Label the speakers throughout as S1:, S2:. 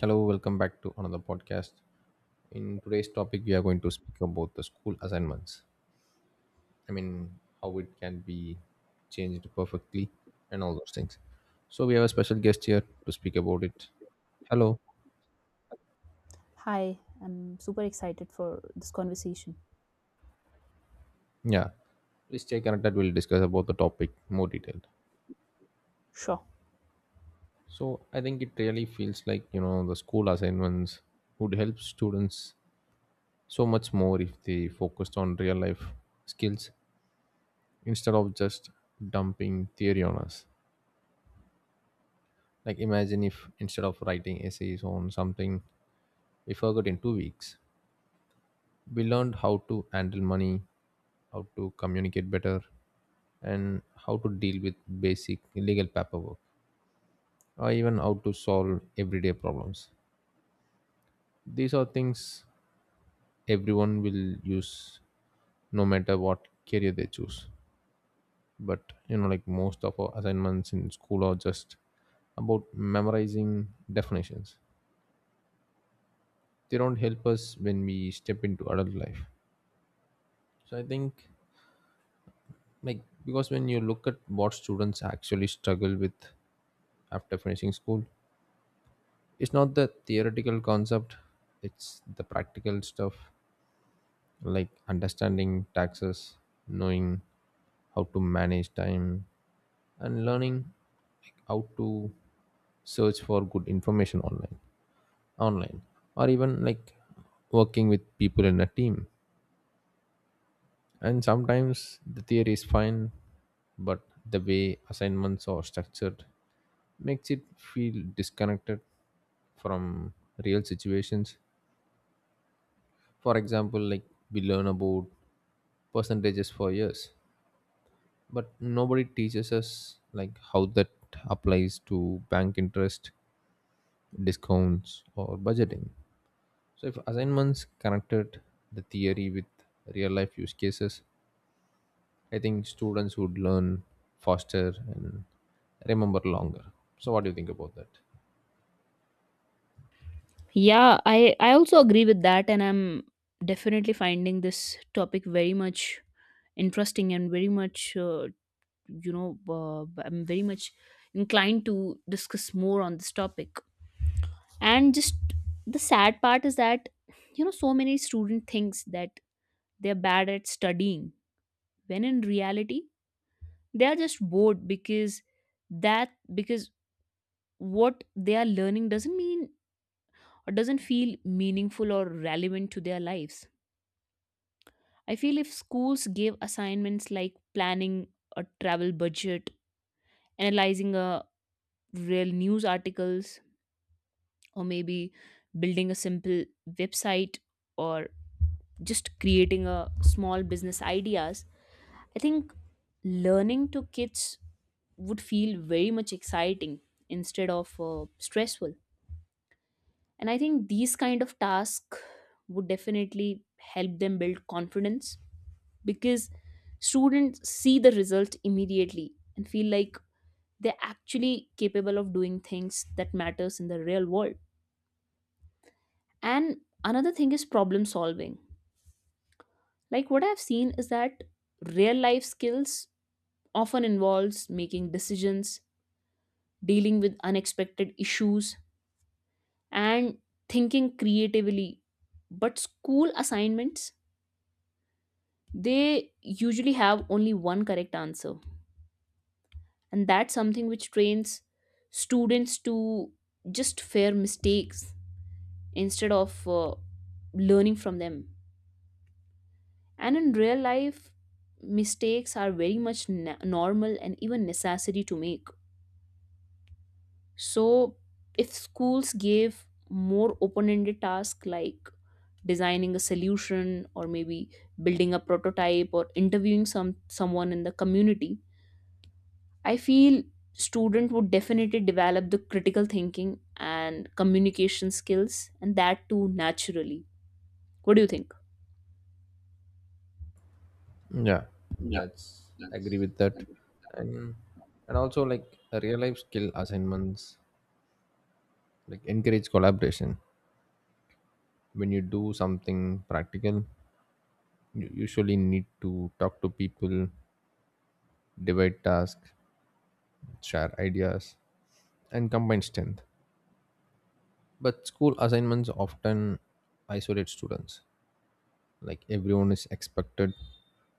S1: Hello, welcome back to another podcast. In today's topic, we are going to speak about the school assignments. I mean, how it can be changed perfectly and all those things. So, we have a special guest here to speak about it. Hello.
S2: Hi, I'm super excited for this conversation.
S1: Yeah. Please stay connected. We'll discuss about the topic more detailed.
S2: Sure.
S1: So, I think it really feels like, you know, the school assignments would help students so much more if they focused on real life skills instead of just dumping theory on us. Like, imagine if instead of writing essays on something we forgot in 2 weeks, we learned how to handle money, how to communicate better, and how to deal with basic legal paperwork, or even how to solve everyday problems. These are things everyone will use no matter what career they choose. But you know, like most of our assignments in school are just about memorizing definitions. They don't help us when we step into adult life. So I think, like, because when you look at what students actually struggle with after finishing school, it's not the theoretical concept, it's the practical stuff like understanding taxes, knowing how to manage time and learning like how to search for good information online or even like working with people in a team, and sometimes the theory is fine but the way assignments are structured makes it feel disconnected from real situations. For example, like we learn about percentages for years, but nobody teaches us like how that applies to bank interest, discounts, or budgeting. So if assignments connected the theory with real life use cases, I think students would learn faster and remember longer. So what do you think about that?
S2: Yeah, I also agree with that, and I'm definitely finding this topic very much interesting and very much I'm very much inclined to discuss more on this topic. And just the sad part is that you know so many student thinks that they're bad at studying when in reality they are just bored because what they are learning doesn't mean or doesn't feel meaningful or relevant to their lives. I feel if schools gave assignments like planning a travel budget, analyzing a real news articles, or maybe building a simple website, or just creating a small business ideas, I think learning to kids would feel very much exciting instead of stressful. And I think these kind of tasks would definitely help them build confidence because students see the result immediately and feel like they're actually capable of doing things that matters in the real world. And another thing is problem solving. Like what I've seen is that real life skills often involves making decisions, dealing with unexpected issues, and thinking creatively, but school assignments, they usually have only one correct answer, and that's something which trains students to just fear mistakes instead of learning from them. And in real life, mistakes are very much normal and even necessary to make. So if schools gave more open-ended tasks like designing a solution, or maybe building a prototype, or interviewing someone in the community, I feel student would definitely develop the critical thinking and communication skills, and that too naturally. What do you think?
S1: Yeah, that's agree with that, and also like a real life skill assignments like encourage collaboration. When you do something practical, you usually need to talk to people, divide tasks, share ideas, and combine strength. But school assignments often isolate students. Like everyone is expected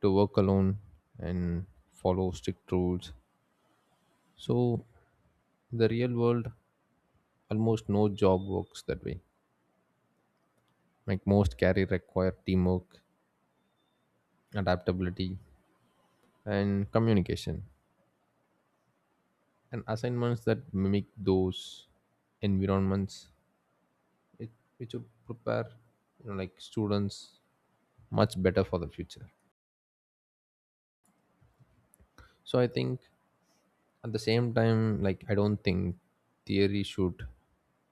S1: to work alone and follow strict rules. So the real world, almost no job works that way, like most career require teamwork, adaptability and communication, and assignments that mimic those environments, it, it should prepare, you know, like students much better for the future. So I think at the same time like I don't think theory should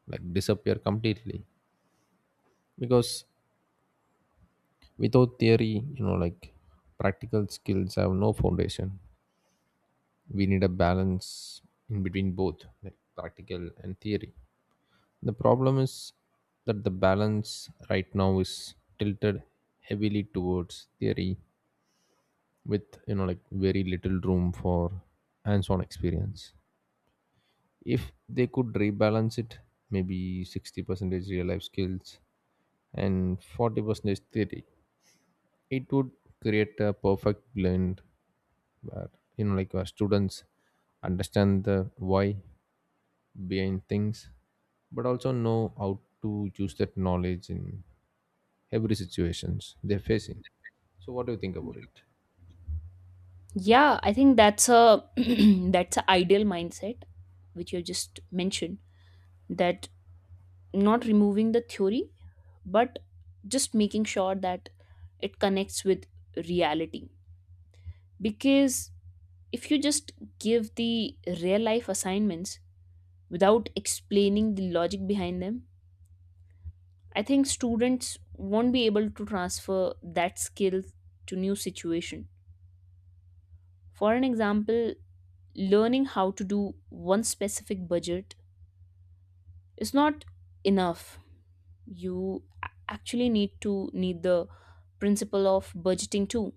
S1: like disappear completely because without theory you know like practical skills have no foundation. We need a balance in between both like practical and theory. The problem is that the balance right now is tilted heavily towards theory with you know like very little room for hands-on experience. If they could rebalance it, maybe 60 percentage real life skills and 40 percentage theory, it would create a perfect blend where, you know, like where students understand the why behind things but also know how to use that knowledge in every situations they're facing. So what do you think about it?
S2: Yeah, I think that's a that's a ideal mindset which you just mentioned, that not removing the theory but just making sure that it connects with reality. Because if you just give the real life assignments without explaining the logic behind them, I think students won't be able to transfer that skill to new situation. For an example, learning how to do one specific budget is not enough. You actually need to need the principle of budgeting too.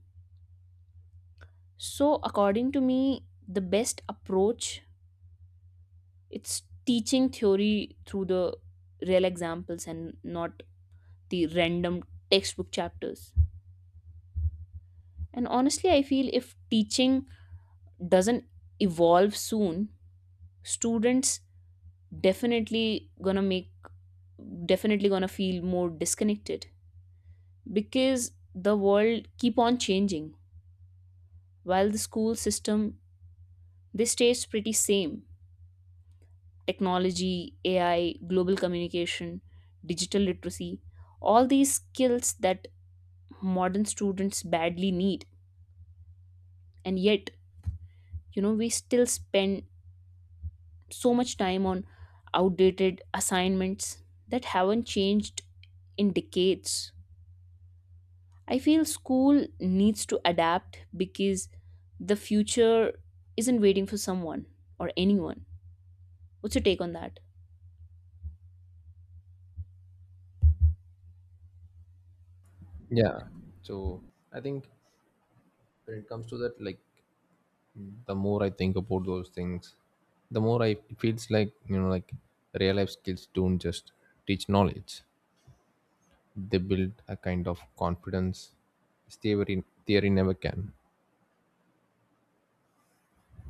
S2: So according to me, the best approach, it's teaching theory through the real examples and not the random textbook chapters. And honestly, I feel if teaching doesn't evolve soon, students definitely gonna make definitely gonna feel more disconnected because the world keep on changing while the school system, they stays pretty same. Technology, AI, global communication, digital literacy, all these skills that modern students badly need, and yet you know we still spend so much time on outdated assignments that haven't changed in decades. I feel school needs to adapt because the future isn't waiting for someone or anyone. What's your take on that?
S1: Yeah, so I think when it comes to that, like the more I think about those things, the more I it feels like, you know, like real life skills don't just teach knowledge, they build a kind of confidence theory never can.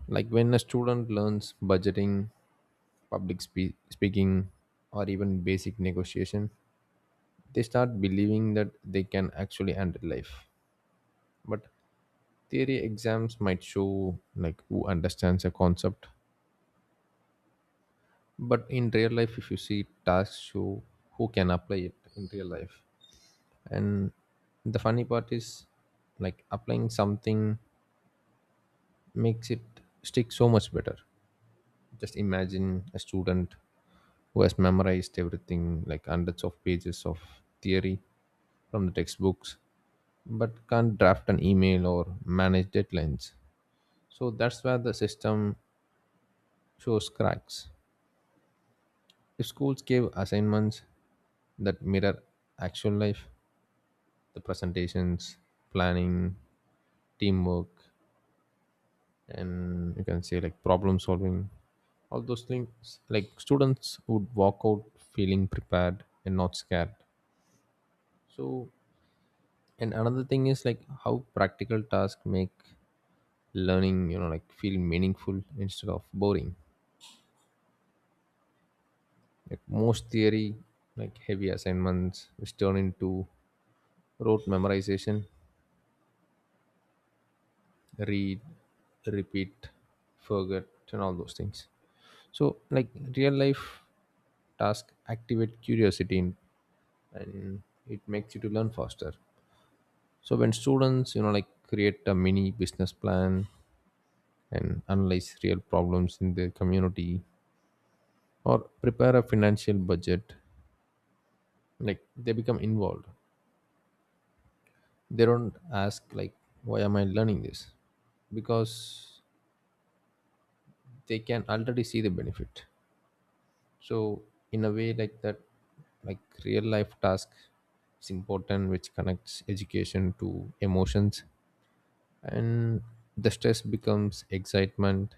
S1: Like when a student learns budgeting, speaking, or even basic negotiation, they start believing that they can actually handle life. But theory exams might show like who understands a concept. But in real life, if you see tasks show who can apply it in real life. And the funny part is like applying something makes it stick so much better. Just imagine a student who has memorized everything, like hundreds of pages of theory from the textbooks, but can't draft an email or manage deadlines. So that's where the system shows cracks. If schools gave assignments that mirror actual life, the presentations, planning, teamwork, and you can say like problem solving, all those things, like students would walk out feeling prepared and not scared. So, and another thing is like how practical tasks make learning, you know, like feel meaningful instead of boring. Like most theory, like heavy assignments, which turn into rote memorization, read, repeat, forget, and all those things. So, like real life task activate curiosity and it makes you to learn faster. So when students, you know, like create a mini business plan and analyze real problems in their community or prepare a financial budget, like they become involved. They don't ask like, why am I learning this? Because they can already see the benefit. So in a way like that, like real life task is important, which connects education to emotions, and the stress becomes excitement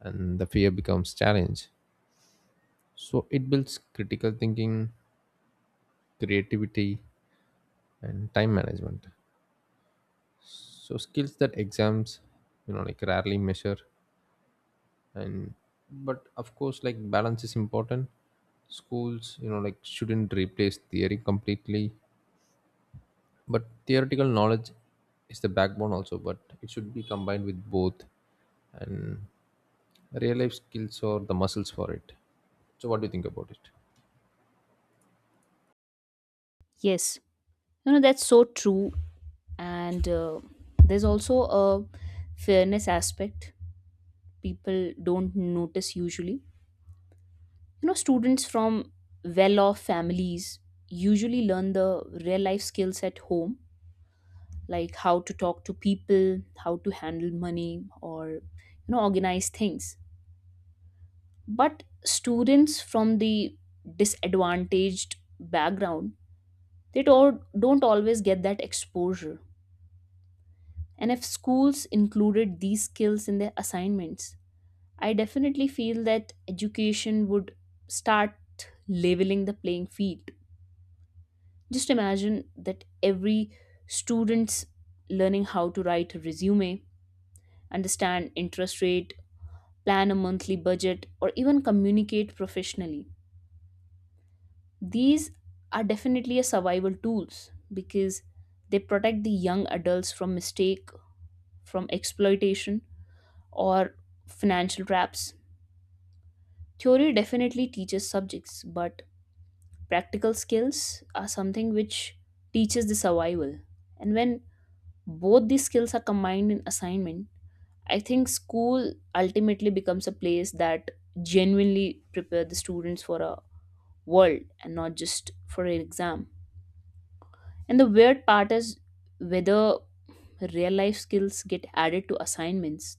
S1: and the fear becomes challenge. So it builds critical thinking, creativity, and time management, so skills that exams, you know, like rarely measure. And but of course like balance is important. Schools you know like shouldn't replace theory completely, but theoretical knowledge is the backbone also, but it should be combined with both. And real life skills or the muscles for it. So what do you think about it?
S2: Yes, you know, that's so true. And there's also a fairness aspect people don't notice usually. You know, students from well off families usually learn the real life skills at home, like how to talk to people, how to handle money, or, you know, organize things. But students from the disadvantaged background, they don't always get that exposure. And if schools included these skills in their assignments, I definitely feel that education would start leveling the playing field. Just imagine that every student's learning how to write a resume, understand interest rate, plan a monthly budget, or even communicate professionally. These are definitely a survival tools, because they protect the young adults from mistake, from exploitation, or financial traps. Theory definitely teaches subjects, but practical skills are something which teaches the survival. And when both these skills are combined in assignment, I think school ultimately becomes a place that genuinely prepare the students for a world and not just for an exam. And the weird part is, whether real life skills get added to assignments,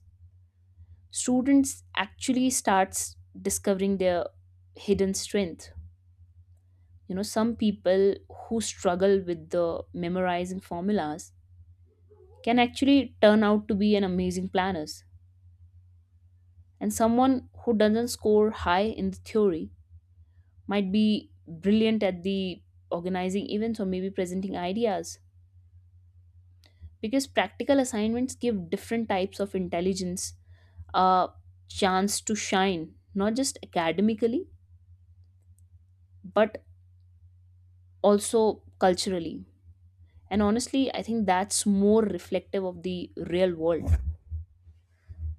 S2: students actually starts discovering their hidden strength. You know, some people who struggle with the memorizing formulas can actually turn out to be an amazing planners. And someone who doesn't score high in the theory might be brilliant at the organizing events or maybe presenting ideas, because practical assignments give different types of intelligence a chance to shine, not just academically, but also culturally. And honestly, I think that's more reflective of the real world.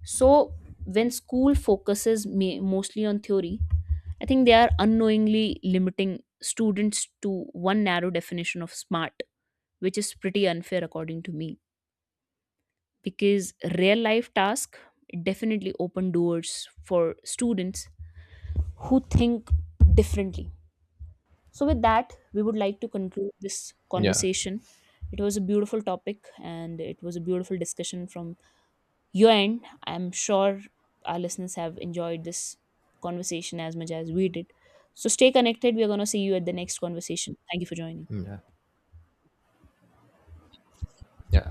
S2: So when school focuses mostly on theory, I think they are unknowingly limiting students to one narrow definition of smart, which is pretty unfair according to me. Because real life tasks definitely open doors for students who think differently. So, with that, we would like to conclude this
S1: Yeah.
S2: conversation. It was a beautiful topic and it was a beautiful discussion from your end. I'm sure our listeners have enjoyed this conversation as much as we did. So, stay connected. We are going to see you at the next conversation. Thank you for joining.
S1: Yeah, yeah,